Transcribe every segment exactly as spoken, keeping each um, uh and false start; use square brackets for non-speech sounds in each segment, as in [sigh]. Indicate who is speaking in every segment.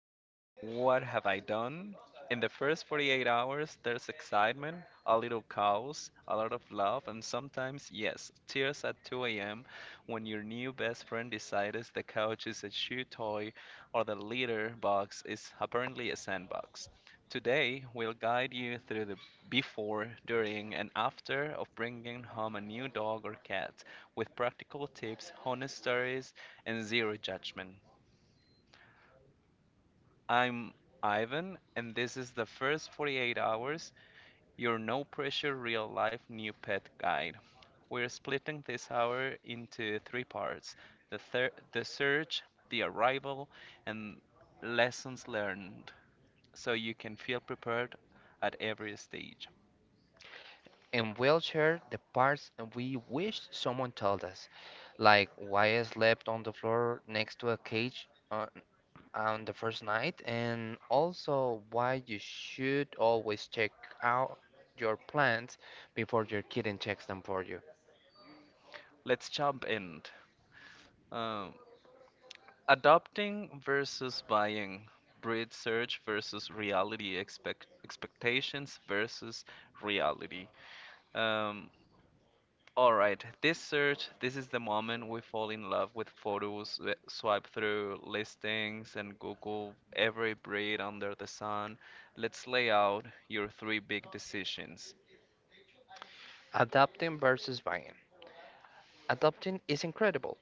Speaker 1: wonder, what have I done? In the first forty-eight hours, there's excitement, a little chaos, a lot of love, and sometimes, yes, tears at two a m when your new best friend decides the couch is a shoe toy or the litter box is apparently a sandbox. Today, we'll guide you through the before, during, and after of bringing home a new dog or cat with practical tips, honest stories, and zero judgment. I'm Ivan, and this is the first forty-eight hours, your no pressure real life new pet guide. We're splitting this hour into three parts, the, thir- the search, the arrival, and lessons learned, so you can feel prepared at every stage.
Speaker 2: And we'll share the parts we wish someone told us, like why I slept on the floor next to a cage on, on the first night, and also why you should always check out your plants before your kitten checks them for you.
Speaker 1: Let's jump in. Um, Adopting versus buying, breed search versus reality, expect- expectations versus reality. Um, All right, this search, this is the moment we fall in love with photos, we swipe through listings and Google every breed under the sun. Let's lay out your three big decisions.
Speaker 2: Adopting versus buying. Adopting is incredible.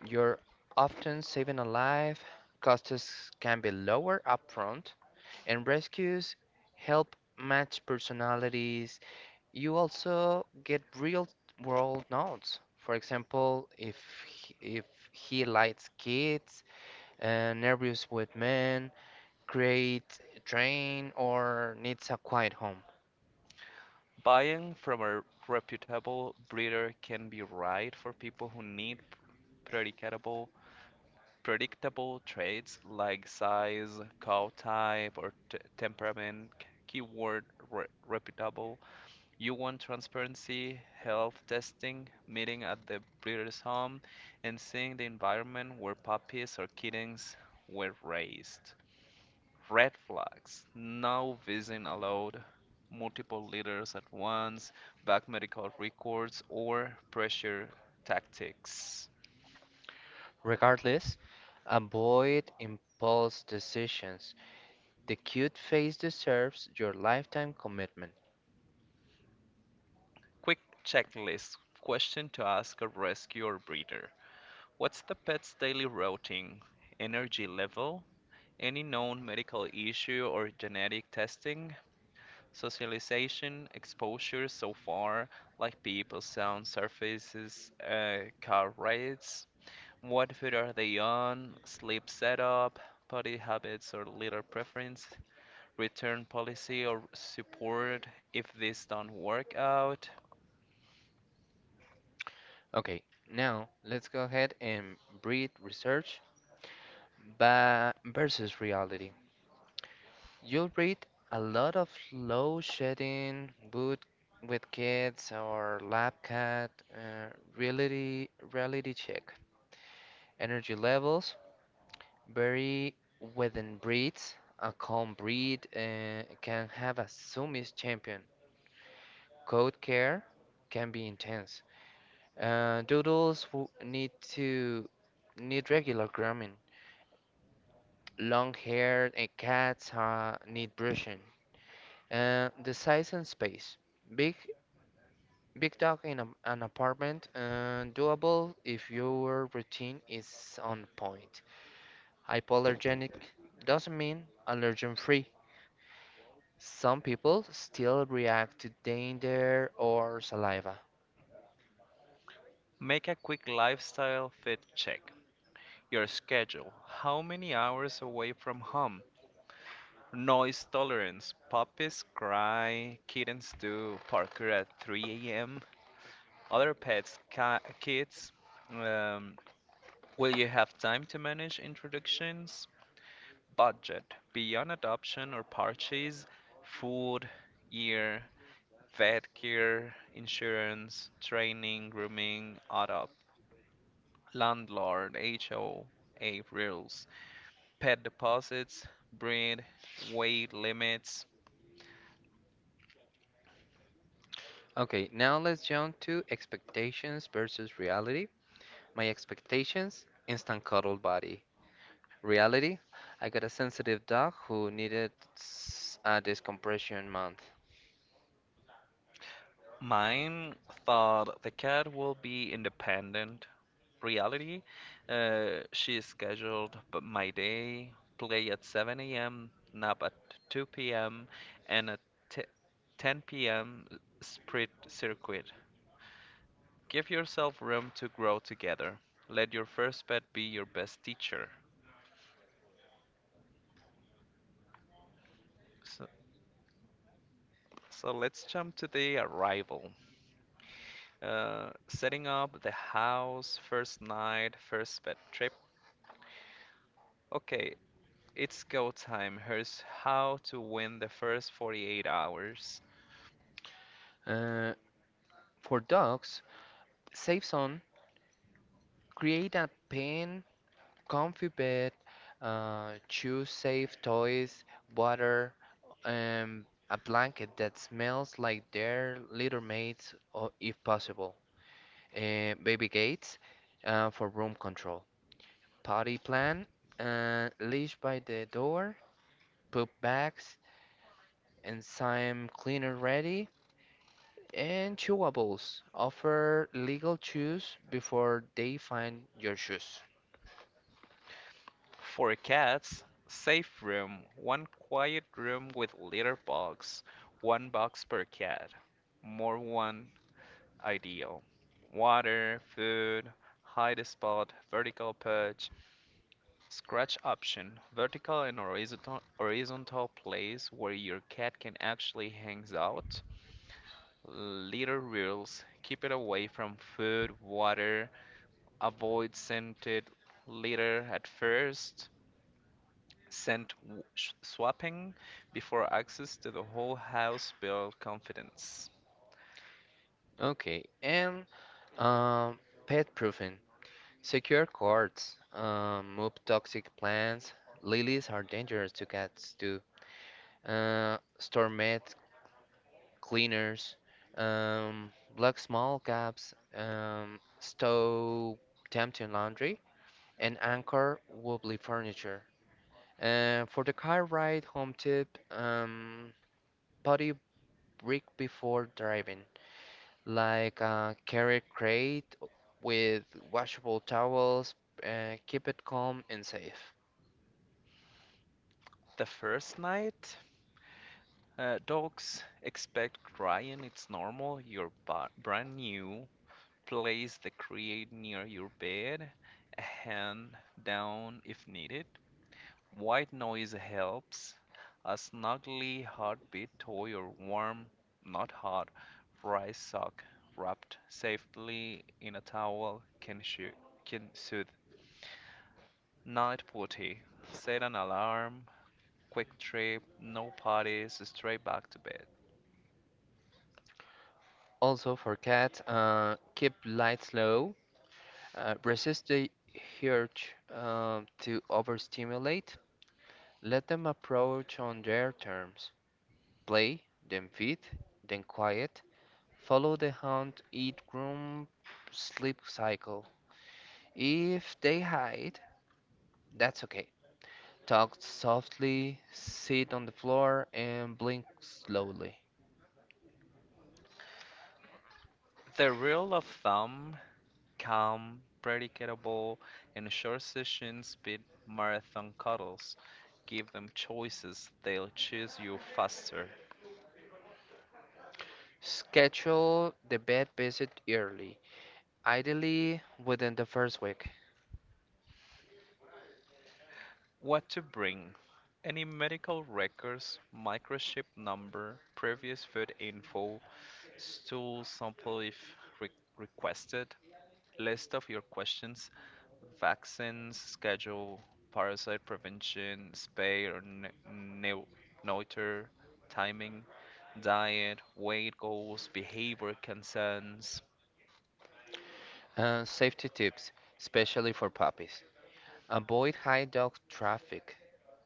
Speaker 2: You're often saving a life, costs can be lower upfront, and rescues help match personalities. You also get real world notes. For example, if he, if he likes kids, uh, nervous with men, great train, or needs a quiet home.
Speaker 1: Buying from a reputable breeder can be right for people who need predictable predictable traits like size, cow type, or t temperament. Keyword re reputable. You want transparency, health testing, meeting at the breeder's home, and seeing the environment where puppies or kittens were raised. Red flags: no visiting allowed, multiple litters at once, back medical records, or pressure tactics.
Speaker 2: Regardless, avoid impulse decisions. The cute face deserves your lifetime commitment.
Speaker 1: Quick checklist, question to ask a rescue or breeder: What's the pet's daily routine? Energy level? Any known medical issue or genetic testing, socialization, exposure so far, like people, sound, surfaces, uh, car rides, what food are they on, sleep setup, body habits or litter preference, return policy or support if this don't work out.
Speaker 2: Okay, now let's go ahead and breed research ba- versus reality. You'll read a lot of low shedding, boot with kids or lab cat, uh, reality reality check. Energy levels vary within breeds. A calm breed uh, can have a sumis champion. Coat care can be intense. Uh, doodles w- need to need regular grooming. Long-haired uh, cats uh, need brushing. Uh, the size and space. Big Big dog in a, an apartment, uh, doable if your routine is on point. Hypoallergenic doesn't mean allergen free. Some people still react to dander or saliva.
Speaker 1: Make a quick lifestyle fit check. Your schedule. How many hours away from home? Noise tolerance. Puppies cry, kittens do parkour at three a m. Other pets, ca- kids. Um, will you have time to manage introductions? Budget. Beyond adoption or purchase, food, year, vet care, insurance, training, grooming, adopt, landlord, H O A rules, pet deposits, breed, weight limits.
Speaker 2: Okay, now let's jump to expectations versus reality. My expectations: instant cuddle body. Reality: I got a sensitive dog who needed s- a decompression month.
Speaker 1: Mine thought the cat will be independent. Reality, uh, she is scheduled, but my day: play at seven a m, nap at two p m, and at t- ten p m sprint circuit. Give yourself room to grow together. Let your first pet be your best teacher. So, so let's jump to the arrival. Uh, setting up the house, first night, first pet trip. Okay, it's go time. Here's how to win the first forty-eight hours.
Speaker 2: Uh, for dogs, save zone, create a pen, comfy bed, uh, choose safe toys, water, and a blanket that smells like their little mates, or if possible. Uh, baby gates uh, for room control. Potty plan, uh, leash by the door, poop bags, and some cleaner ready. And chewables. Offer legal chews before they find your shoes.
Speaker 1: For cats, safe room, one quiet room with litter box, one box per cat. More one ideal. Water, food, hide spot, vertical perch, scratch option, vertical and horizontal horizontal place where your cat can actually hangs out. Litter rules, keep it away from food, water. Avoid scented litter at first. Scent w- sh- swapping before access to the whole house build confidence.
Speaker 2: Okay, and um, pet proof. Secure cords, um, move toxic plants. Lilies are dangerous to cats too. Uh, store meth cleaners, um, block small gaps, um, stow tempting laundry, and anchor wobbly furniture. Uh, for the car ride home tip, um, potty break before driving, like a carry crate with washable towels. Uh, keep it calm and safe.
Speaker 1: The first night, uh, dogs expect crying. It's normal. You're ba- brand new. Place the crate near your bed, a hand down if needed. White noise helps, a snuggly heartbeat to your warm, not hot, dry sock wrapped safely in a towel can, shoo- can soothe. Night putty. Set an alarm, quick trip, no parties, straight back to bed.
Speaker 2: Also for cat, uh, keep lights low, uh, resist the urge um, to overstimulate. Let them approach on their terms, play, then feed, then quiet, follow the hunt, eat, groom, sleep cycle. If they hide, that's okay. Talk softly, sit on the floor, and blink slowly.
Speaker 1: The rule of thumb: calm, predictable, and short session speed marathon cuddles. Give them choices, they'll choose you faster.
Speaker 2: Schedule the bed visit early, ideally within the first week.
Speaker 1: What to bring? Any medical records, microchip number, previous food info, stool sample if re- requested, list of your questions, vaccines, schedule, parasite prevention, spay or ne- neu- neuter, timing, diet, weight goals, behavior concerns.
Speaker 2: Uh, safety tips, especially for puppies. Avoid high dog traffic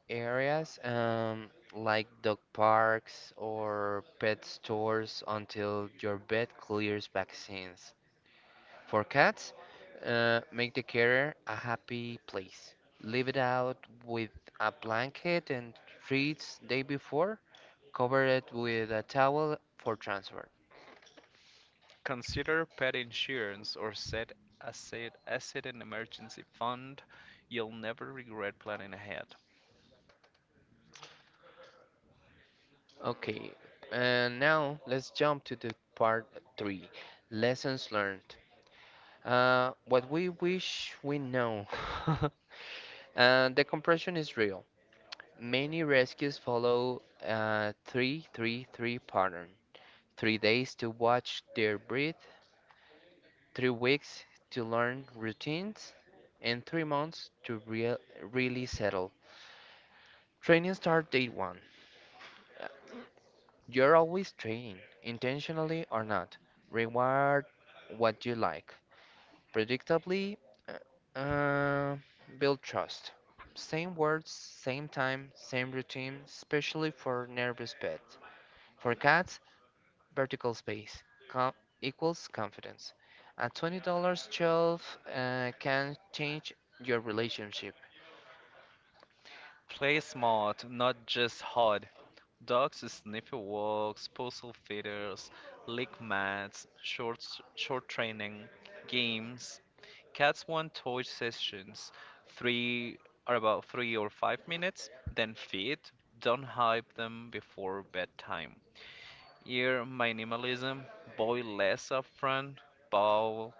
Speaker 2: areas, um, like dog parks or pet stores, until your vet clears vaccines. For cats, uh, make the carrier a happy place. Leave it out with a blanket and treats day before. Cover it with a towel for transfer.
Speaker 1: Consider pet insurance or set aside aside an emergency fund. You'll never regret planning ahead.
Speaker 2: Okay, and now let's jump to the part three, lessons learned. Uh, what we wish we know. [laughs] Uh, the compression is real. Many rescues follow a three-three-three pattern. Three days to watch their breath, three weeks to learn routines, and three months to real really settle. Training start day one. You're always trading, intentionally or not. Reward what you like. Predictably, uh, uh, build trust. Same words, same time, same routine, especially for nervous pets. For cats, vertical space com- equals confidence. A twenty dollars shelf uh, can change your relationship.
Speaker 1: Play smart, not just hard. Dogs sniff your walks, puzzle feeders, lick mats, short short training, games. Cats want toy sessions, three are about three or five minutes, then feed. Don't hype them before bedtime. Here, minimalism, buy less upfront: bowl,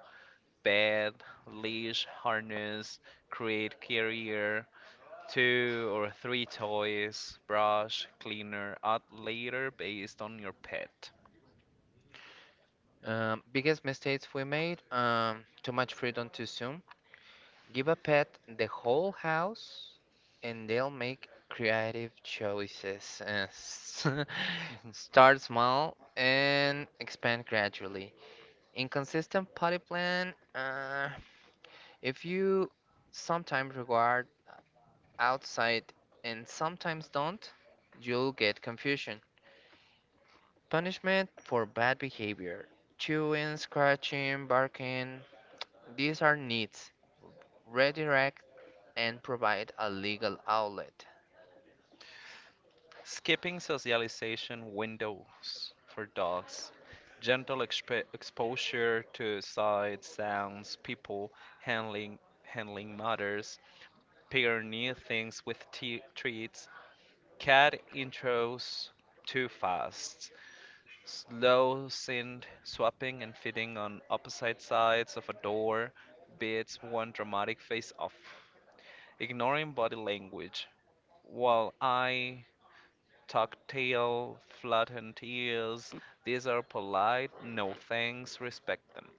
Speaker 1: bed, leash, harness, create carrier, two or three toys, brush, cleaner, add later based on your pet.
Speaker 2: Um, biggest mistakes we made: um, too much freedom too soon. Give a pet the whole house and they'll make creative choices. Uh, s- [laughs]
Speaker 1: Mhm.
Speaker 2: Start small and expand gradually. Inconsistent potty plan. Uh, if you sometimes regard outside and sometimes don't, you'll get confusion. Punishment for bad behavior: chewing, scratching, barking. These are needs. Redirect and provide a legal outlet.
Speaker 1: Skipping socialization windows for dogs. Gentle exp- exposure to sights, sounds, people, handling handling matters. Pair new things with t- treats. Cat intros too fast, slow synth swapping and fitting on opposite sides of a door beats one dramatic face off. Ignoring body language. While I tuck tail, flatten ears, these are polite, no thanks, respect them.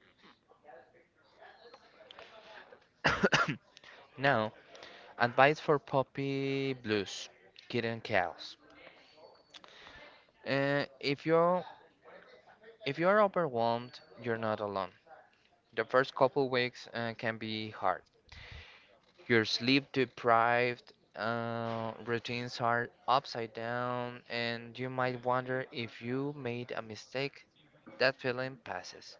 Speaker 2: [coughs] Now, advice for puppy blues, kitten chaos. Uh, if you're if you're overwhelmed, you're not alone. The first couple weeks uh, can be hard. You're sleep deprived, uh, routines are upside down, and you might wonder if you made a mistake. That feeling passes.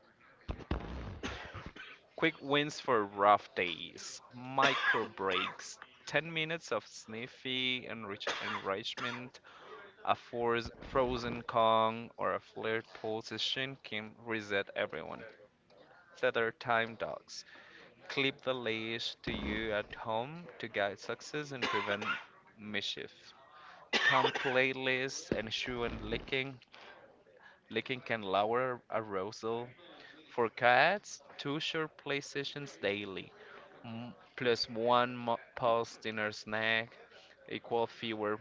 Speaker 1: Quick wins for rough days, micro breaks, ten minutes of sniffy enrich- enrichment. A force, frozen Kong or a flared position can reset everyone. Set our time dogs. Clip the leash to you at home to guide success and prevent mischief. Come playlists and shoe and licking. Licking can lower arousal. For cats, two short play sessions daily, m- plus one mo- post dinner snack, equal fewer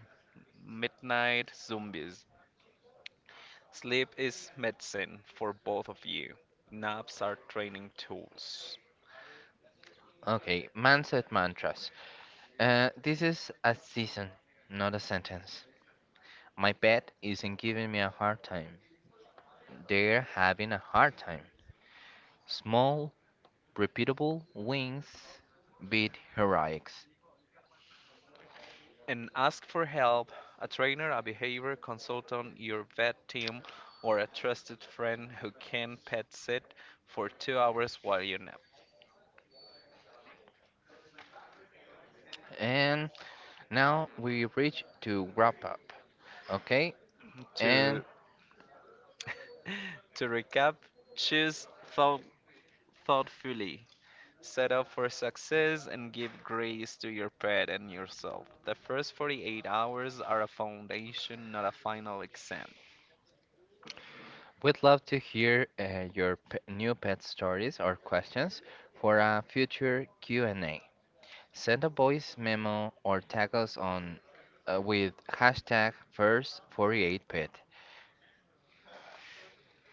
Speaker 1: midnight zombies. Sleep is medicine for both of you. Naps are training tools.
Speaker 2: Okay, mindset mantras. Uh, this is a season, not a sentence. My pet isn't giving me a hard time. They're having a hard time. Small, repeatable wins beat heroics.
Speaker 1: And ask for help. A trainer, a behavior consultant, your vet team, or a trusted friend who can pet sit for two hours while you nap.
Speaker 2: And now we reach to wrap up, okay?
Speaker 1: To
Speaker 2: And
Speaker 1: to recap, choose thought, thoughtfully. Set up for success and give grace to your pet and yourself. The first forty-eight hours are a foundation, not a final exam.
Speaker 2: we'd love to hear uh, your p- new pet stories or questions for a future Q and A. Send a voice memo or tag us on, uh, with hashtag first forty-eight pet.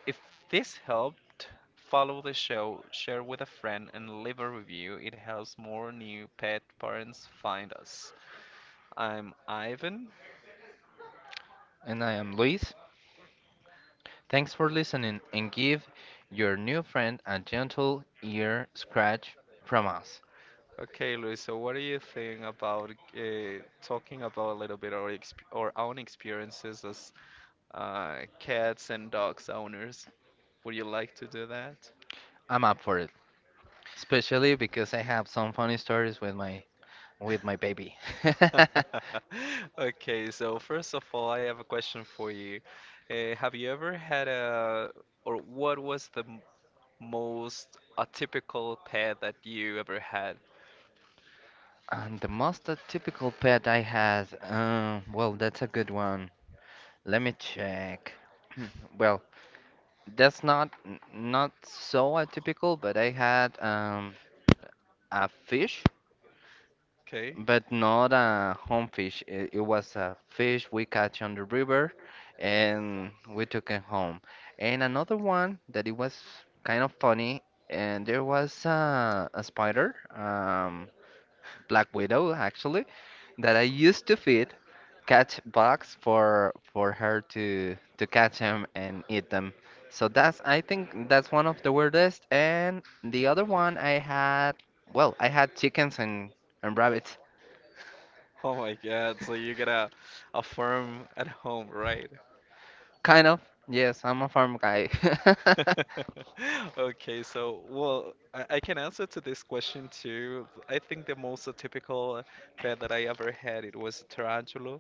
Speaker 1: If this helped, follow the show, share with a friend, and leave a review. It helps more new pet parents find us. I'm Ivan.
Speaker 2: And I am Luis. Thanks for listening, and give your new friend a gentle ear scratch from us.
Speaker 1: Okay, Luis, so what do you think about uh, talking about a little bit our, exp- our own experiences as uh, cats and dogs owners? Would you like to do that?
Speaker 2: I'm up for it, especially because I have some funny stories with my with my baby. [laughs]
Speaker 1: [laughs] Okay, so first of all, I have a question for you. Uh, have you ever had a, or what was the m- most atypical pet that you ever had?
Speaker 2: And the most typical pet I had, um, well, that's a good one. Let me check. [clears throat] Well, that's not n- not so atypical, but I had um, a fish,
Speaker 1: Okay.
Speaker 2: but
Speaker 1: [laughs]
Speaker 2: not a home fish. It, it was a fish we catch on the river, and we took it home. And another one that it was kind of funny, and there was a, a spider, um, black widow actually, that I used to feed, catch bugs for for her to to catch them and eat them. So that's I think that's one of the weirdest. And the other one I had, well, I had chickens and and rabbits.
Speaker 1: Oh my God. So you got a, a farm at home, right?
Speaker 2: Kind of. Yes, I'm a farm guy.
Speaker 1: [laughs] Okay. So, well, I, I can answer to this question too. I think the most atypical pet that I ever had it was a tarantula.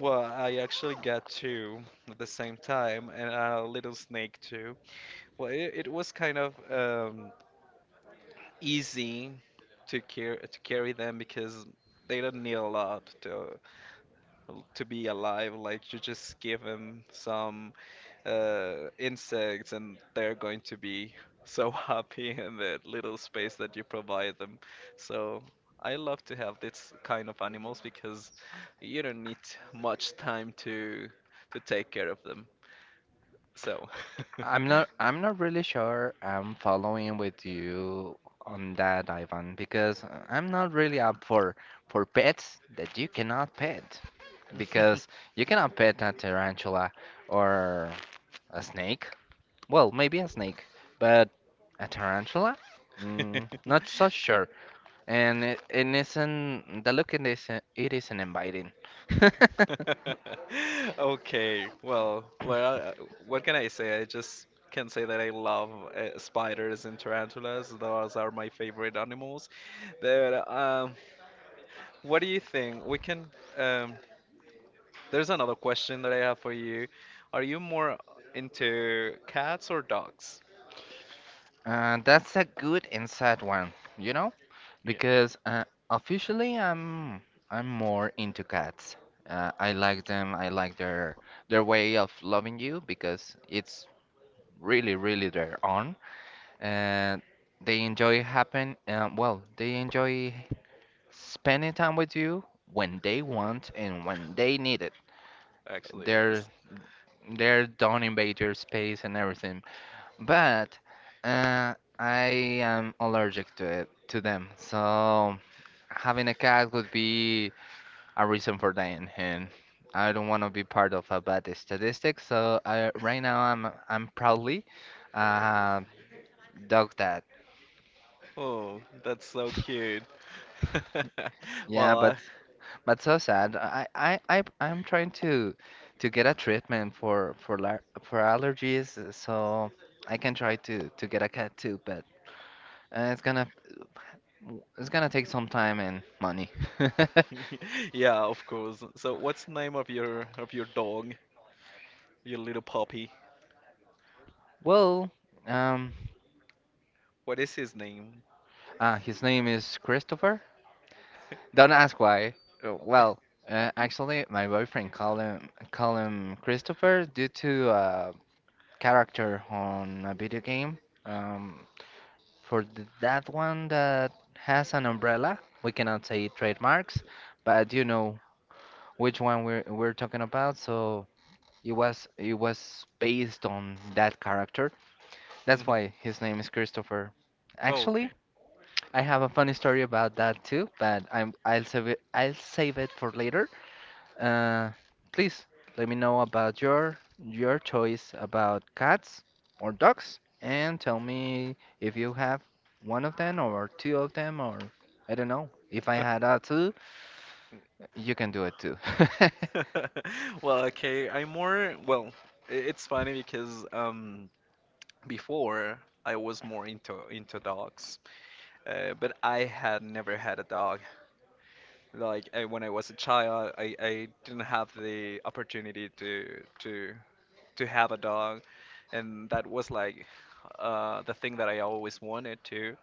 Speaker 1: Well, I actually got two at the same time and a little snake too. Well, it, it was kind of um, easy to carry to carry them because they don't need a lot to to be alive. Like you just give them some uh, insects and they're going to be so [laughs] happy in the little space that you provide them. So I love to have this kind of animals because you don't need much time to to take care of them. So
Speaker 2: [laughs] I'm not I'm not really sure I'm following with you on that, Ivan, because I'm not really up for for pets that you cannot pet, because you cannot pet a tarantula or a snake. Well, maybe a snake, but a tarantula? Mm, not so
Speaker 1: [laughs] [laughs]
Speaker 2: sure. And it, it isn't the look in this, it isn't inviting. [laughs]
Speaker 1: [laughs] Okay, well, well. uh, What can I say? I just can say that I love uh, spiders and tarantulas. Those are my favorite animals. Then, um, what do you think? We can. Um, there's another question that I have for you. Are you more into cats or dogs?
Speaker 2: Uh, that's a good inside one, you know,
Speaker 1: Yeah,
Speaker 2: Because uh, officially I'm I'm more into cats. Uh, I like them. I like their their way of loving you, because it's really really their own, and they enjoy happen. Um, well, they enjoy spending time with you when they want and when they need it.
Speaker 1: actually,
Speaker 2: They're
Speaker 1: yes.
Speaker 2: they're don't invade your space and everything. But uh, I am allergic to it, to them. So having a cat would be a reason for dying, and I don't want to be part of a bad statistic. So I, right now I'm I'm proudly uh, dog dad.
Speaker 1: Oh, that's so cute. [laughs]
Speaker 2: Yeah,
Speaker 1: Well,
Speaker 2: but but so sad. I I I I'm trying to to get a treatment for for lar- for allergies, so I can try to to get a cat too, but. Uh, it's gonna It's gonna take some time and money. [laughs]
Speaker 1: [laughs] yeah, of course. So, what's the name of your of your dog? You little puppy.
Speaker 2: Well, um,
Speaker 1: What is his name?
Speaker 2: uh, his name is Christopher. Don't ask why. Uh, Well, uh, actually, my boyfriend called him call him Christopher due to a character on a video game. Um, for th that one that has an umbrella, we cannot say trademarks, but you know which one we're we're talking about. So it was it was based on that character. That's why
Speaker 1: [laughs]
Speaker 2: his name is Christopher.
Speaker 1: Oh,
Speaker 2: Actually,
Speaker 1: okay.
Speaker 2: I have a funny story about that too, but I'm I'll save it I'll save it for later. Uh, please let me know about your your choice about cats or dogs, and tell me if you have one of them or two of them or I don't know. If I had a two, you can do it too. [laughs]
Speaker 1: [laughs] Well, okay. I'm more well. i- It's funny because um before I was more into into dogs, uh, but I had never had a dog. Like I, when I was a child, I, I didn't have the opportunity to to to have a dog, and that was like uh the thing that I always wanted to.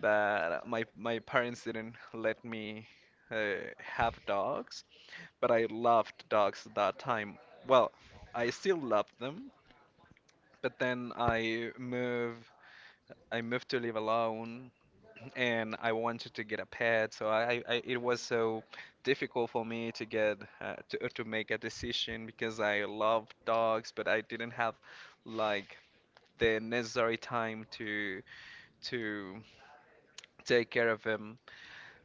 Speaker 1: But my my parents didn't let me uh, have dogs. But I loved dogs at that time. Well, I still love them, but then I move. I moved to live alone, and I wanted to get a pet. So I, I it was so difficult for me to get uh, to to make a decision because I love dogs, but I didn't have like the necessary time to to take care of him.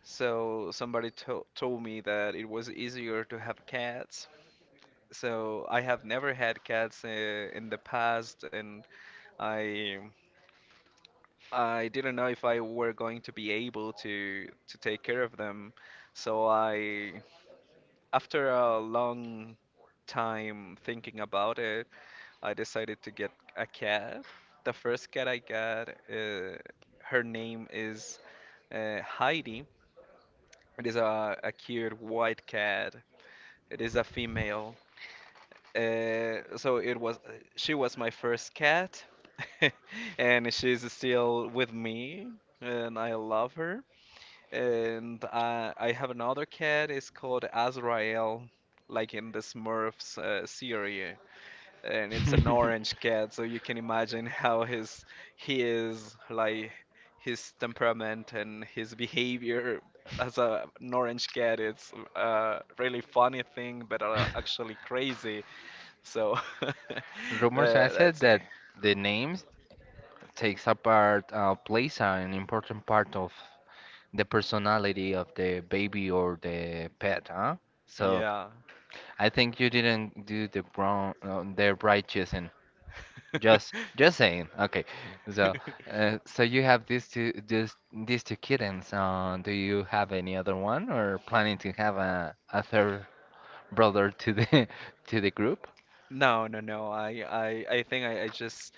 Speaker 1: So somebody to told me that it was easier to have cats. So I have never had cats uh, in the past, and I I didn't know if I were going to be able to to take care of them. So I, after a long time thinking about it, I decided to get a cat. The first cat I got, uh, her name is uh, Heidi. It is a, a cute white cat. It is a female. Uh, so it was She was my first cat, [laughs] and she's still with me, and I love her. And I I have another cat. It's called Azrael, like in the Smurfs uh, series, and it's an orange cat, so you can imagine how his he is like his temperament and his behavior as a, an orange cat. It's a really funny thing, but uh, actually crazy. So [laughs] that,
Speaker 2: Rumors has it
Speaker 1: that's it.
Speaker 2: that the names takes apart, uh, plays an important part of the personality of the baby or the pet, huh? So
Speaker 1: Yeah.
Speaker 2: I think you didn't do the brown, uh, the right choosing. Just, just saying. Okay, so,
Speaker 1: [laughs]
Speaker 2: uh, so you have these two, these these two kittens. Uh, do you have any other one, or planning to have a, a third brother to the [laughs] to the group?
Speaker 1: No, no, no. I, I, I think I, I just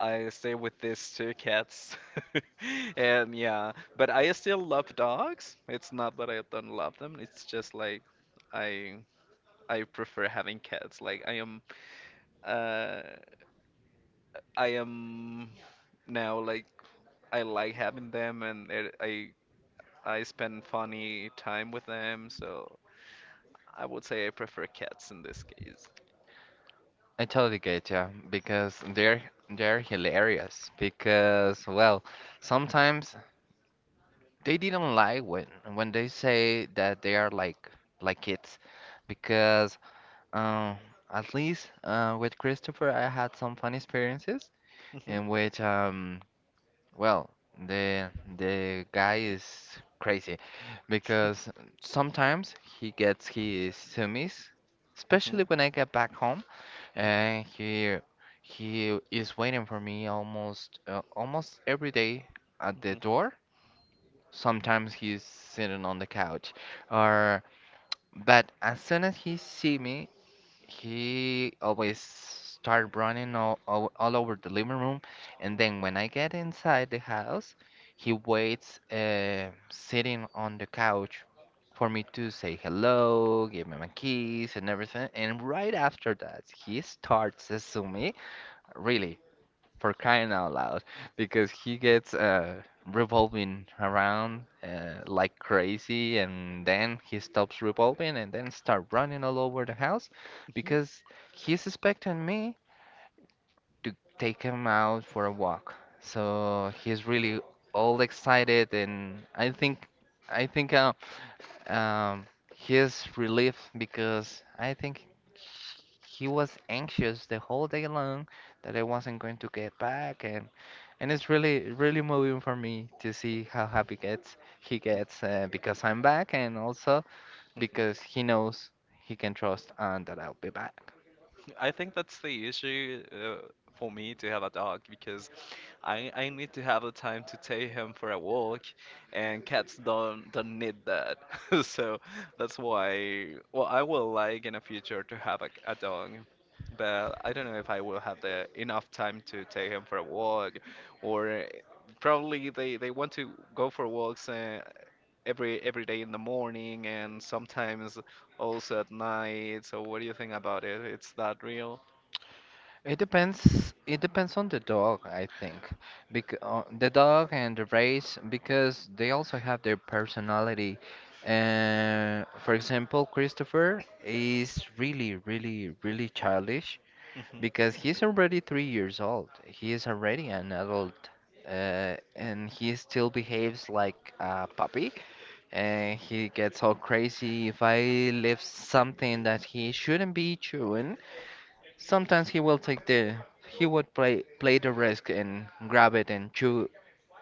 Speaker 1: I stay with these two cats. [laughs] And yeah, but I still love dogs. It's not that I don't love them. It's just like I I prefer having cats. Like I am uh I am now like I like having them and it, I I spend funny time with them. So I would say I prefer cats in this case.
Speaker 2: I totally get ya, because they're they're hilarious, because well sometimes they didn't lie when when they say that they are like like kids, because um at least uh, with Christopher I had some fun experiences
Speaker 1: Mhm,
Speaker 2: in which um well the the guy is crazy, because sometimes he gets his sumis, especially
Speaker 1: mhm,
Speaker 2: when I get back home,
Speaker 1: mhm,
Speaker 2: and he he is waiting for me almost, uh, almost every day at the
Speaker 1: mhm,
Speaker 2: door. Sometimes he's sitting on the couch, or, but as soon as he see me, he always start running all, all all over the living room, and then when I get inside the house, he waits, uh, sitting on the couch for me to say hello, give him a kiss and everything. And right after that, he starts to sue me. Really, for crying out loud, because he gets uh, revolving around uh, like crazy, and then he stops revolving and then start running all over the house,
Speaker 1: mhm,
Speaker 2: because he's expecting me to take him out for a walk. So he's really all excited, and I think I think uh, um, his relief, because I think he was anxious the whole day long, that I wasn't going to get back, and and it's really really moving for me to see how happy gets he gets, uh, because I'm back, and also
Speaker 1: mhm.
Speaker 2: because he knows he can trust on that I'll be back.
Speaker 1: I think that's the issue, uh, for me to have a dog because I I need to have the time to take him for a walk, and cats don't don't need that. [laughs] So that's why. Well, I will like in the future to have a, a dog, but I don't know if I will have the enough time to take him for a walk, or probably they they want to go for walks, uh, every every day in the morning and sometimes also at night. So what do you think about it? It's that real?
Speaker 2: It depends. It depends on the dog, I think, because uh, the dog and the race, because they also have their personality. Uh, for example, Christopher is really, really, really childish because he's already three years old. He is already an adult, uh, and he still behaves like a puppy. And he gets all crazy if I leave something that he shouldn't be chewing. Sometimes he will take the he would play play the risk and grab it and chew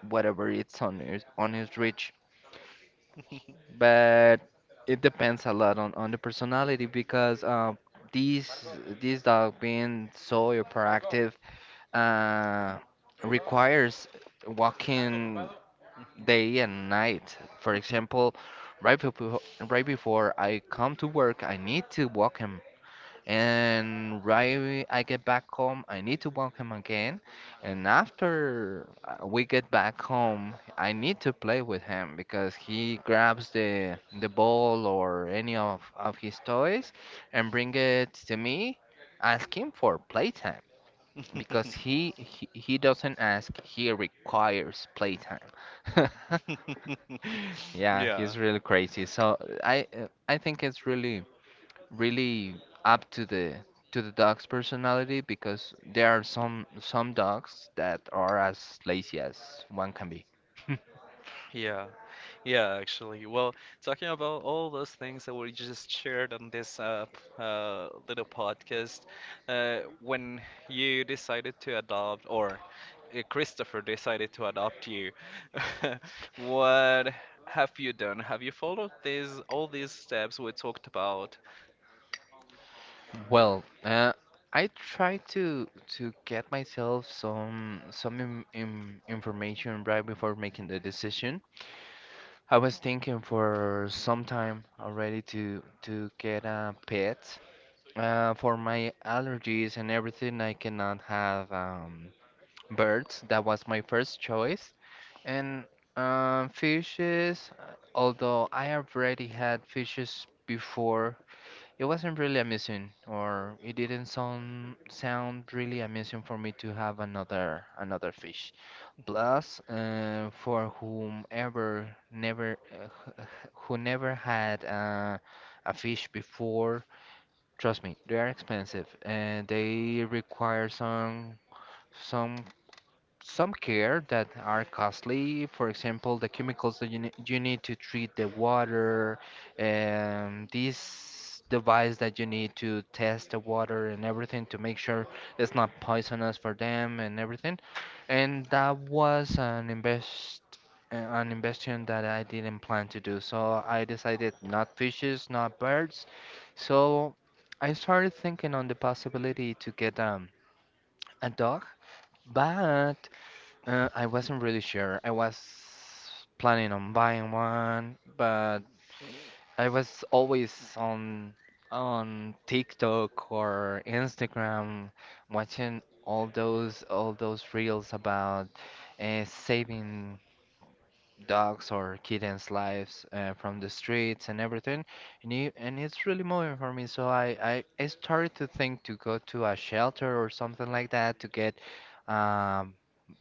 Speaker 2: whatever it's on his on his reach. But it depends a lot on, on the personality because uh, these this dog being so hyperactive, uh, requires walking day and night. For example, right before right before I come to work, I need to walk him, and right I get back home, I need to walk him again. And after uh, we get back home, I need to play with him because he grabs the the ball or any of, of his toys and bring it to me, asking for playtime because
Speaker 1: [laughs]
Speaker 2: he, he he doesn't ask, he requires playtime. [laughs]
Speaker 1: [laughs]
Speaker 2: Yeah, he's
Speaker 1: Yeah.
Speaker 2: really crazy. So I uh, I think it's really really up to the to the dog's personality because there are some some dogs that are as lazy as one can be. [laughs]
Speaker 1: Yeah, yeah, actually. Well, talking about all those things that we just shared on this uh, p- uh, little podcast, uh, when you decided to adopt, or uh, Christopher decided to adopt you, [laughs] what have you done? Have you followed these all these steps we talked about?
Speaker 2: Well, uh, I try to to get myself some some im im information right before making the decision. I was thinking for some time already to to get a pet. Uh, for my allergies and everything, I cannot have um, birds. That was my first choice, and um, fishes. Uh, although I already had fishes before, it wasn't really amusing, or it didn't sound sound really amusing for me to have another another fish.
Speaker 1: Mhm,
Speaker 2: Plus, uh, for whomever never uh, h- h- who never had uh, a fish before, trust me, they are expensive and they require some some some care that are costly. For example, the chemicals that you, ne- you need to treat the water, and this device that you need to test the water and everything to make sure it's not poisonous for them and everything. And that was an invest uh, an investment that I didn't plan to do. So I decided not fishes, not birds. So I started thinking on the possibility to get um, a dog, but uh, I wasn't really sure. I was planning on buying one, but I was always on on TikTok or Instagram watching all those all those reels about uh, saving dogs or kittens' lives uh, from the streets and everything. And, you, and it's really moving for me. So I, I, I started to think to go to a shelter or something like that to get, um,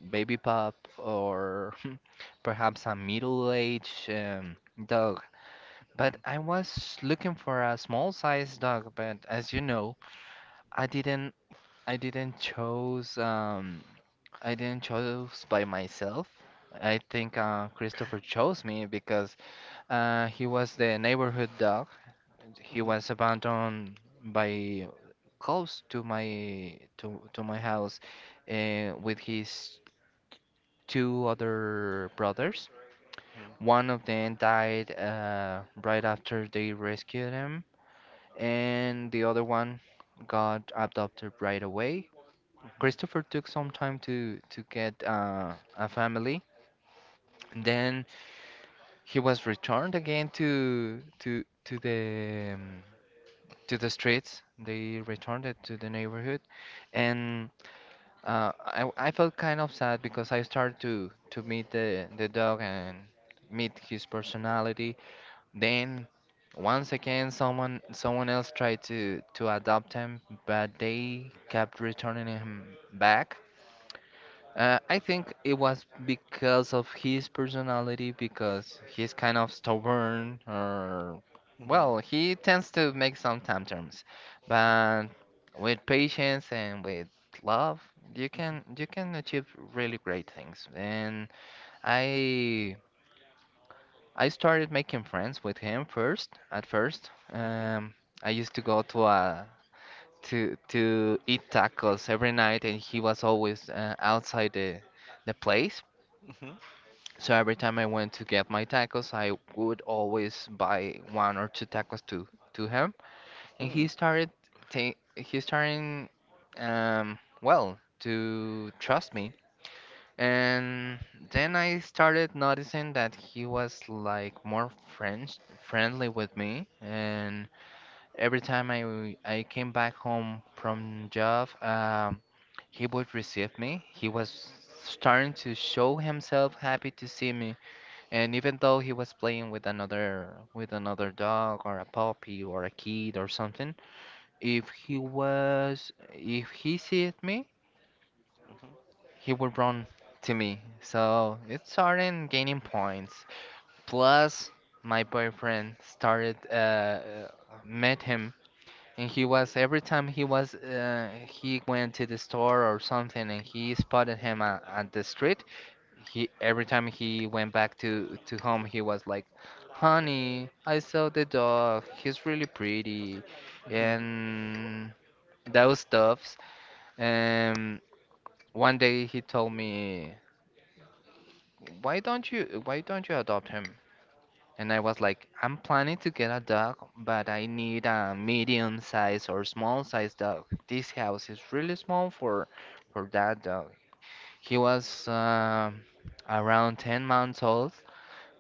Speaker 2: baby pup, or [laughs] perhaps a middle-aged, um, dog. But
Speaker 1: mhm,
Speaker 2: I was looking for a small size dog, but as you know, I didn't I didn't chose, um I didn't chose by myself. I think uh, Christopher chose me because uh, he was the neighborhood dog. He
Speaker 1: mhm,
Speaker 2: was abandoned by close to my to to my house uh, with his two other brothers. One of them died uh, right after they rescued him, and the other one got adopted right away.
Speaker 1: mhm,
Speaker 2: Christopher took some time to to get uh, a family. Then he was returned again to to to the, um, to the streets. They returned it to the neighborhood, and uh, I I felt kind of sad because I started to to meet the the dog and meet his personality. Then once again, someone someone else tried to to adopt him, but they kept returning him back. Uh, I think it was because of his personality, because he's kind of stubborn, or
Speaker 1: mhm,
Speaker 2: well, he tends to make some tantrums. But with patience and with love, you can you can achieve really great things. And I I started making friends with him first. At first,
Speaker 1: mhm,
Speaker 2: um, I used to go to a to to eat tacos every night, and he was always uh, outside the the place.
Speaker 1: mhm,
Speaker 2: So every time I went to get my tacos, I would always buy one or two tacos to to him,
Speaker 1: mhm,
Speaker 2: and he
Speaker 1: mhm,
Speaker 2: started ta- he starting, um well, to trust me. And then I started noticing that he was like more friends friendly with me, and every time I w- I came back home from job, um, he would receive me. He was starting to show himself happy to see me, and even though he was playing with another with another dog or a puppy or a kid or something, if he was if he sees me, he would run to me. So it started gaining points. Plus, my boyfriend started uh, uh, met him, and he was every time he was, uh, he went to the store or something, and he spotted him at, at the street. He, every time he went back to to home, he was like, "Honey, I saw the dog, he's really pretty,"
Speaker 1: mhm, mhm,
Speaker 2: and those stuffs. And one day he told me, why don't you why don't you adopt him?" And I was like, "I'm planning to get a dog, but I need a medium size or small size dog. This house is really small for for that dog." He was, um around ten months old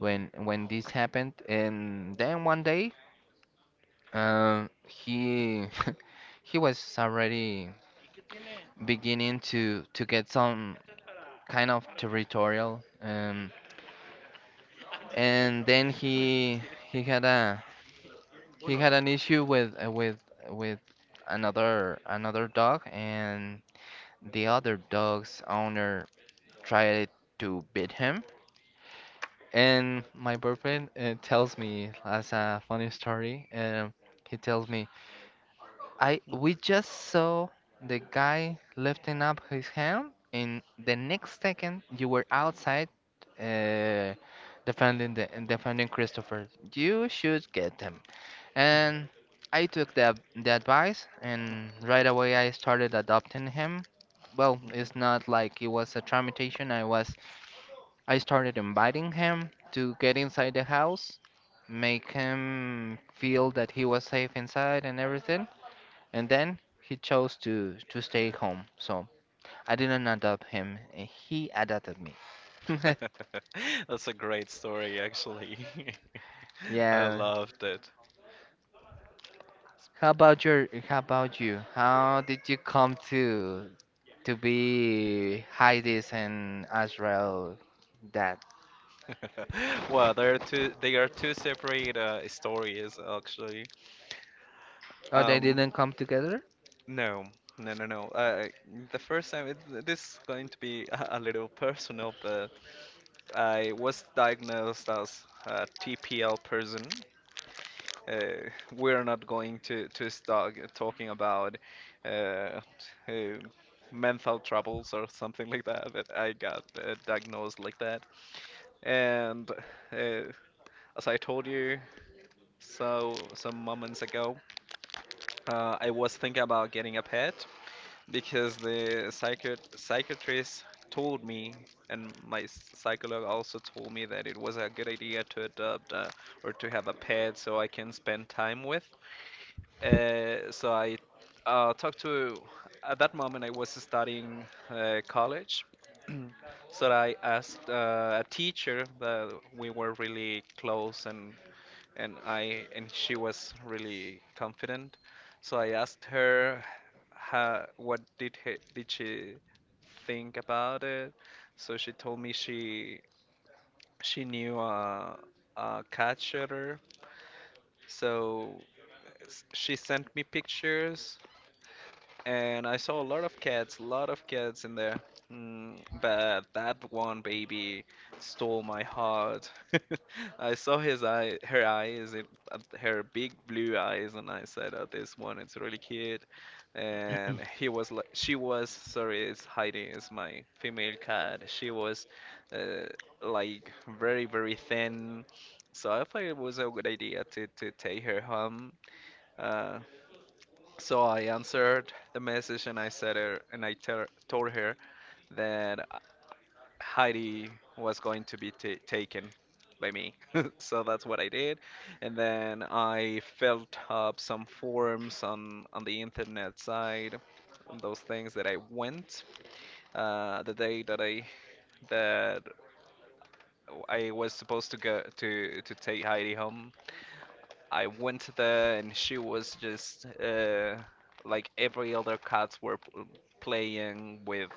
Speaker 2: when when this happened. And then one day, um he [laughs] he was already beginning to to get some kind of territorial, um and then he he had a he had an issue with uh, with with another another dog, and the other dog's owner tried to beat him. And my boyfriend, uh, tells me as a funny story, um he tells me, I we just saw the guy lifting up his hand, and the next second you were outside, uh, defending the defending Christopher. You should get him." And I took the the advice, and right away I started adopting him. Well,
Speaker 1: mhm.
Speaker 2: it's not like it was a tramitation. I was, I started inviting him to get inside the house, make him feel that he was safe inside and everything, and then he chose to to stay home. So I didn't adopt him. eh, He adopted me. [laughs]
Speaker 1: [laughs] That's a great story, actually. [laughs] I
Speaker 2: Yeah.
Speaker 1: loved it.
Speaker 2: How about your? How about you? How did you come to to be Hades and Azrael? Dad?
Speaker 1: [laughs] Well, there are two. They are two separate uh, stories, actually.
Speaker 2: Oh, they
Speaker 1: Um,
Speaker 2: didn't come together.
Speaker 1: no, no, no, no. Uh, the first time, it, this is going to be a, a little personal, but I was diagnosed as a T P L person. Uh, we're not going to to start talking about uh, uh, mental troubles or something like that. But I got uh, diagnosed like that, and uh, as I told you so some moments ago, uh, I was thinking about getting a pet because the psychiat psychiatrist told me. And my s- psycholog also told me that it was a good idea to adopt, uh, or to have a pet so I can spend time with. Uh, so I uh, talked to, at that moment, I was studying uh, college. [clears throat] So I asked uh, a teacher that we were really close, and, and I and she was really confident. So I asked her how, what did he, did she think about it. So she told me she she knew a, a cat shutter. So s- she sent me pictures and I saw a lot of cats, a lot of cats in there. Mm, but that one baby stole my heart. [laughs] I saw his eye, her eyes, it, uh, her big blue eyes, and I said, "Oh, this one, it's really cute." And
Speaker 2: [clears throat]
Speaker 1: he was, li- she was, sorry, it's Heidi, it's my female cat. She was, uh, like very, very thin. So I thought it was a good idea to to take her home. Uh, so I answered the message and I said her and I tell told her that Heidi was going to be ta taken by me. [laughs] So that's what I did. And then I filled up some forms on on the internet side, on those things that I went, uh, the day that I that I was supposed to go to to take Heidi home. I went there and she was just, uh, like every other cats were p- playing with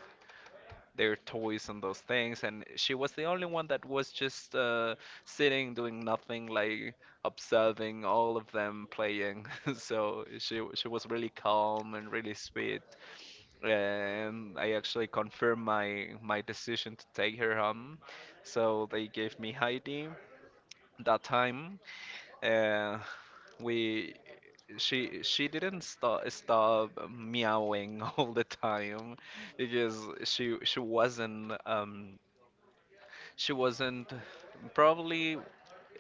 Speaker 1: their toys and those things, and she was the only one that was just uh, sitting doing nothing, like observing all of them playing. [laughs] So she she was really calm and really sweet, and I actually confirmed my my decision to take her home. So they gave me Heidi that time. Uh, we she she didn't stop stop meowing [laughs] all the time because she she wasn't um she wasn't probably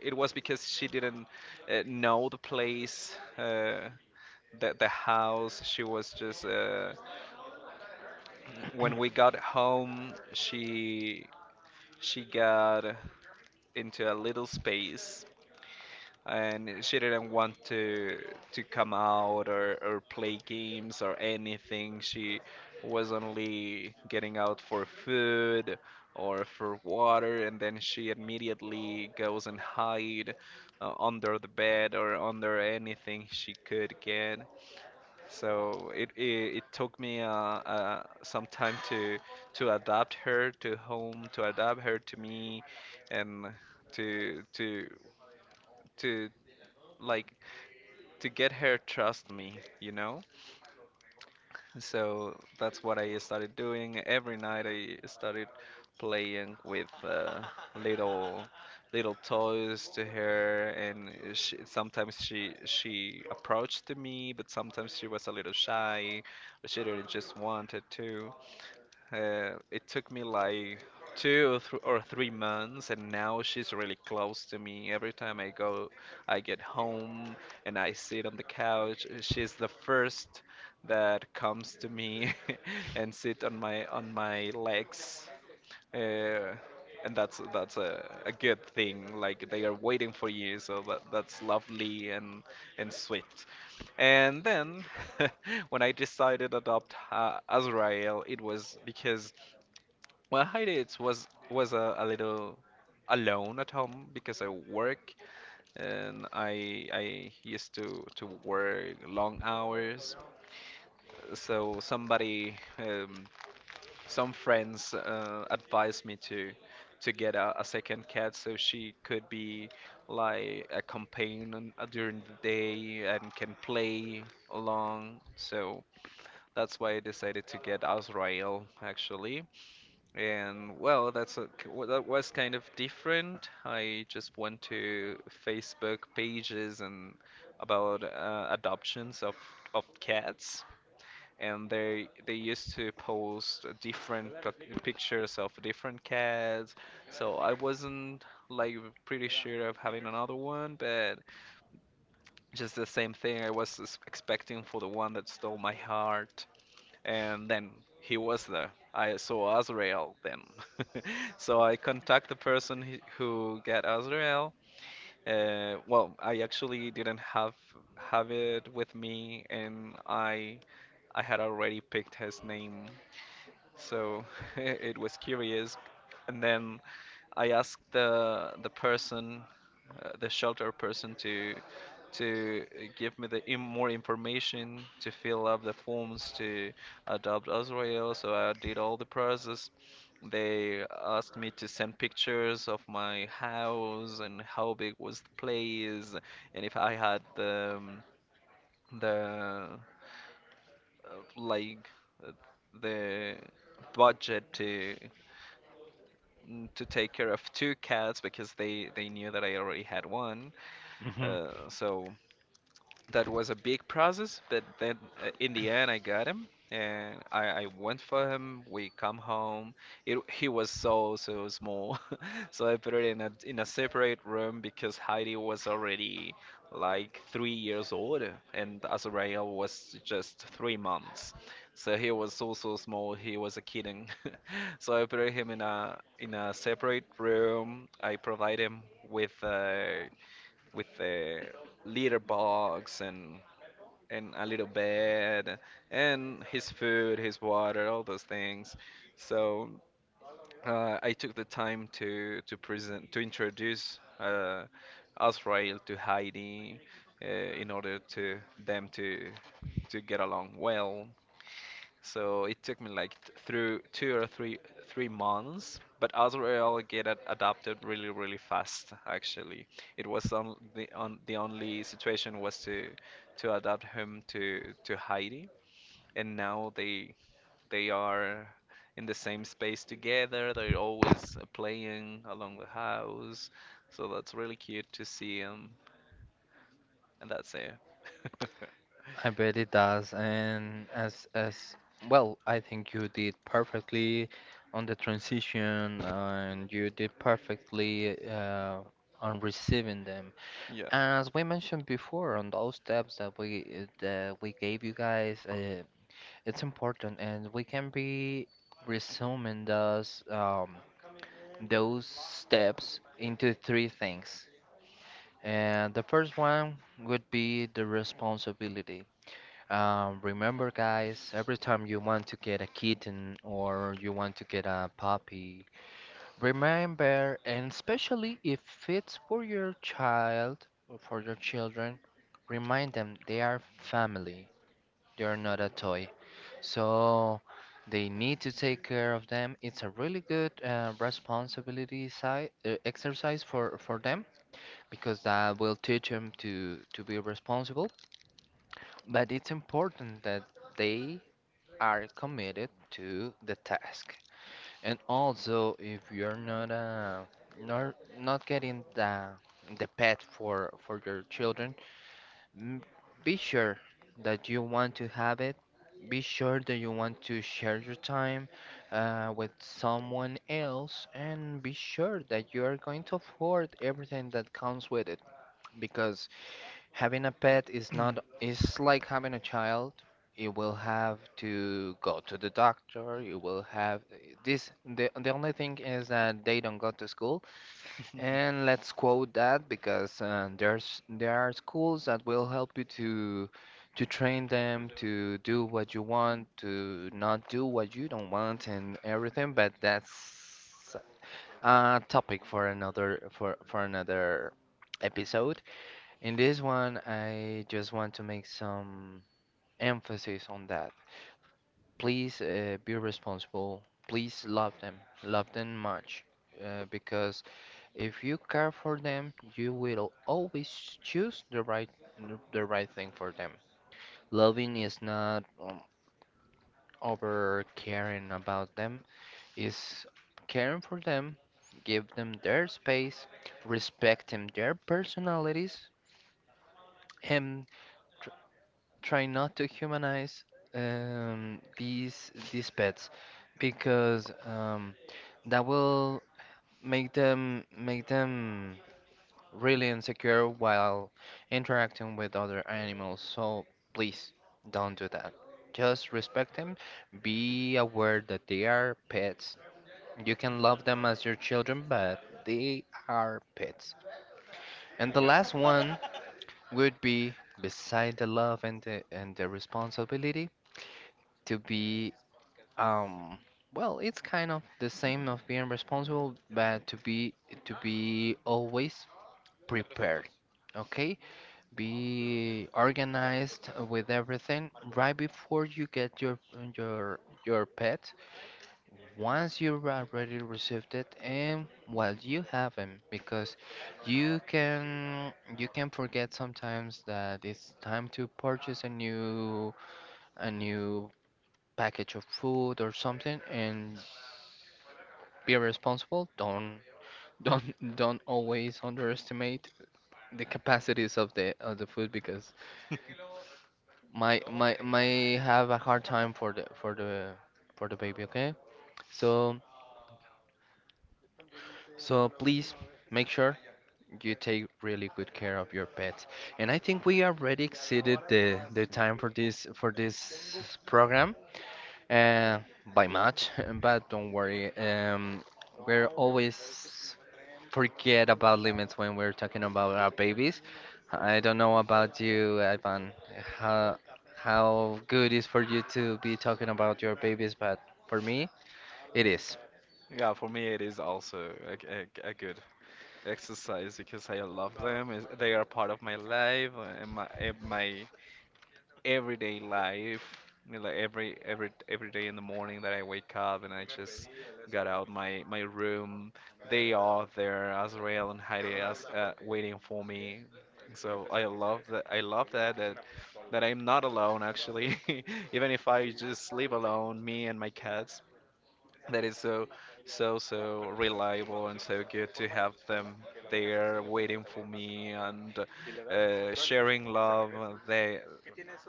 Speaker 1: it was because she didn't uh, know the place, uh the the house. She was just, uh when we got home, she she got into a little space and she didn't want to to come out, or, or play games or anything. She was only getting out for food or for water, and then she immediately goes and hide uh, under the bed or under anything she could get. So it it, it took me uh, uh, some time to to adapt her to home, to adapt her to me, and to to to like to get her trust me, you know? So that's what I started doing. Every night I started playing with, uh, little little toys to her, and she, sometimes she she approached to me but sometimes she was a little shy but she really just wanted to, uh, it took me like two or, th or three months, and now she's really close to me. Every time I go, I get home and I sit on the couch. uh, She's the first that comes to me [laughs] and sit on my on my legs. Uh, and that's that's a, a good thing. Like they are waiting for you, so that, that's lovely and and sweet. And then, [laughs] when I decided to adopt uh, Azrael, it was because, well, hiatus was was a, a little alone at home because I work, and I I used to to work long hours. So somebody, um, some friends uh, advised me to to get a, a second cat so she could be like a companion uh, during the day and can play along. So that's why I decided to get Azrael, actually. And well, that's a, k- w- that was kind of different. I just went to Facebook pages and about, uh, adoptions of of cats, and they they used to post different pic- pictures of different cats. So I wasn't like pretty sure of having another one, but just the same thing I was s- expecting for the one that stole my heart, and then he was there. I saw Azrael then. [laughs] So I contact the person he- who get Azrael. Uh, well, I actually didn't have have it with me, and I I had already picked his name, so [laughs] it was curious. And then I asked the the person, uh, the shelter person, to to give me the in more information to fill up the forms to adopt Israel. So I did all the process. They asked me to send pictures of my house and how big was the place, and if I had the, um, the uh, like, uh, the budget to, mm, to take care of two cats because they they knew that I already had one.
Speaker 2: Hmm.
Speaker 1: Uh, so that was a big process, but then, uh, in the end, I got him and I, I went for him. We come home. It, he was so, so small. [laughs] So I put it in a, in a separate room because Heidi was already like three years old and Azrael was just three months. So he was so, so small. He was a kitten. [laughs] So I put him in a in a separate room. I provide him with, uh, with the litter box and and a little bed and his food, his water, all those things. So, uh, I took the time to to present to introduce uh, Azrael to Heidi, uh, in order to them to to get along well. So it took me like t- through two or three three months, but Azrael get ad- adapted really really fast, actually. It was on the on the only situation was to to adapt him to to Heidi, and now they they are in the same space together. They're always, uh, playing along the house, so that's really cute to see him, and that's it. [laughs]
Speaker 2: I bet it does. And as as Well, I think you did perfectly on the transition, and you did perfectly uh, on receiving them.
Speaker 1: Yeah.
Speaker 2: As we mentioned before, on those steps that we that we gave you guys, uh, it's important, and we can be resuming those, um, those steps into three things. And the first one would be the responsibility. Um, remember, guys, every time you want to get a kitten or you want to get a puppy, remember, and especially if it's for your child or for your children, remind them they are family. They are not a toy. So they need to take care of them. It's a really good, uh, responsibility side, uh, exercise for, for them because that will teach them to, to be responsible. But it's important that they are committed to the task. And also, if you're not, uh, not not getting the the pet for for your children, m- be sure that you want to have it. Be sure that you want to share your time uh, with someone else, and be sure that you are going to afford everything that comes with it. Because having a pet is not
Speaker 1: [clears throat]
Speaker 2: is like having a child. You will have to go to the doctor. You will have this. The, the only thing is that they don't go to school. And let's quote that because uh, there's there are schools that will help you to to train them to do what you want, to not do what you don't want, and everything. But that's a topic for another for for another episode. In this one, I just want to make some emphasis on that. Please, uh, be responsible. Please love them. Love them much. Uh, because if you care for them, you will always choose the right the right thing for them. Loving is not, um, over caring about them. Is caring for them, give them their space, respecting their personalities, and try not to humanize, um, these these pets because, um, that will make them make them really insecure while interacting with other animals. So please don't do that. Just respect them. Be aware that they are pets. You can love them as your children, but they are pets. And the
Speaker 1: Yeah.
Speaker 2: last one would be, beside the love and the, and the responsibility, to be, um, well, it's kind of the same of being responsible, but to be to be always prepared. Okay? Be organized with everything right before you get your your your pet. Once you've already received it, and well, you haven't because you can you can forget sometimes that it's time to purchase a new a new package of food or something. And be responsible. Don't don't don't always underestimate the capacities of the of the food because my my my have a hard time for the for the for the baby. Okay, so so please make sure you take really good care of your pets. And I think we already exceeded the the time for this for this program. Uh, by much, [laughs] but don't worry. Um, we're always forget about limits when we're talking about our babies. I don't know about you, Ivan, how how good is for you to be talking about your babies, but for me, it is.
Speaker 1: Yeah, for me it is also a, g- a g- a good exercise because I love them. is- They are part of my life, uh, and my and my everyday life. You know, like every every every day in the morning that I wake up and I just got out my my room, they are there, Azrael and Heidi, as uh, waiting for me. So I love that. I love that that that I'm not alone, actually. [laughs] Even if I just live alone, me and my cats, that is so, so so reliable and so good to have them there waiting for me and, uh, sharing love, uh, they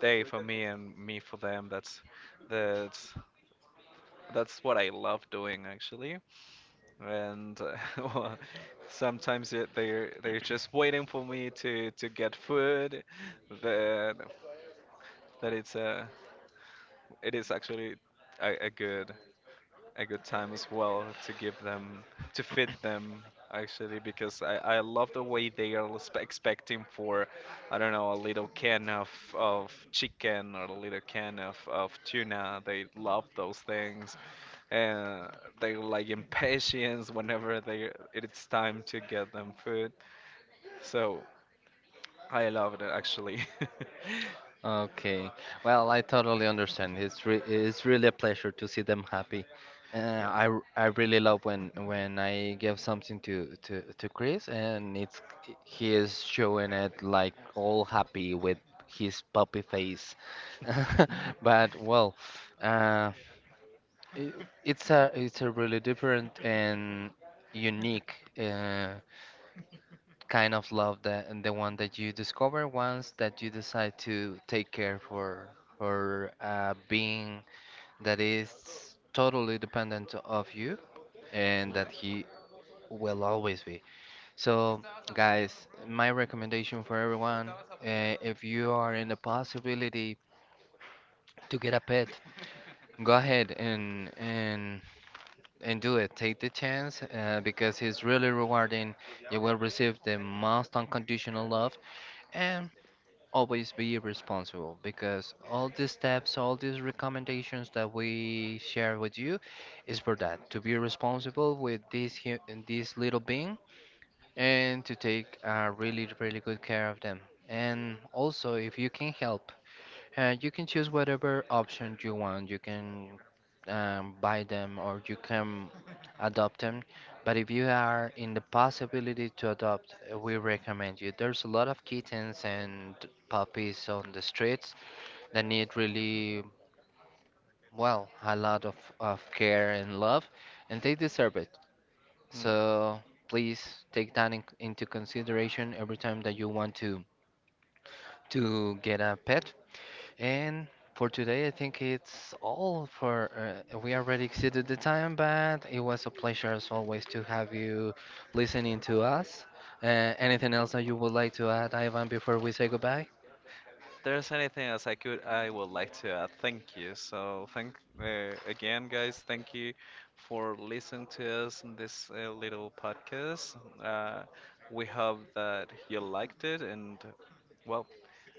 Speaker 1: they for me and me for them, that's that's that's what I love doing, actually. And, uh, [laughs] well, sometimes it, they're they're just waiting for me to to get food, that that it's, uh it is actually a, a good a good time as well to give them, to fit them actually, because I, I love the way they are spe- expecting for, I don't know, a little can of of chicken or a little can of of tuna. They love those things, and they're like impatient whenever they it's time to get them food. So I loved it, actually. [laughs]
Speaker 2: Okay. Well, I totally understand. It's re it's really a pleasure to see them happy. Uh,
Speaker 1: Yeah.
Speaker 2: I r- I really love when when I give something to to to Chris, and it's he is showing it like all happy with his puppy face. [laughs] But
Speaker 1: [laughs]
Speaker 2: well, uh, I it's a it's a really different and unique, uh, kind of love that, and the one that you discover once that you decide to take care for for a being that is totally dependent of you, and
Speaker 1: Yeah.
Speaker 2: that he will always be. So, guys, my recommendation for everyone, uh, if you are in the possibility to get a pet, go ahead and and and do it. Take the chance, uh, because it's really rewarding. You will receive the most unconditional love, and always be responsible because all these steps, all these recommendations that we share with you is for that, to be responsible with this hu- this little being and to take, uh, really really good care of them. And also, if you can help, uh, you can choose whatever option you want. You can, um, buy them or you can adopt them. But if you are in the possibility to adopt, uh, we recommend you. There's a lot of kittens and puppies on the streets that need really, well, a lot of, of care and love, and they deserve it.
Speaker 1: Mm.
Speaker 2: So please take that in, into consideration every time that you want to to get a pet. And for today, I think it's all for. Uh, we already exceeded the time, but it was a pleasure as always to have you listening to us. Uh, anything else that you would like to add, Ivan, before we say goodbye?
Speaker 1: there's anything else I could I would like to add, thank you. So thank, uh, again, guys. Thank you for listening to us in this, uh, little podcast. Uh, we hope that you liked it, and, well,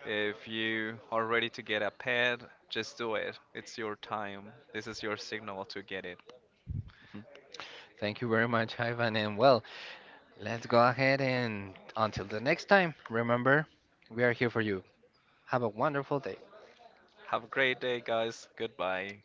Speaker 1: if you are ready to get a pet, just do it. It's your time. This is your signal to get it.
Speaker 2: Mhm. Thank you very much, Ivan. And well, let's go ahead, and until the next time, remember, we are here for you. Have a wonderful day.
Speaker 1: Have a great day, guys. Goodbye.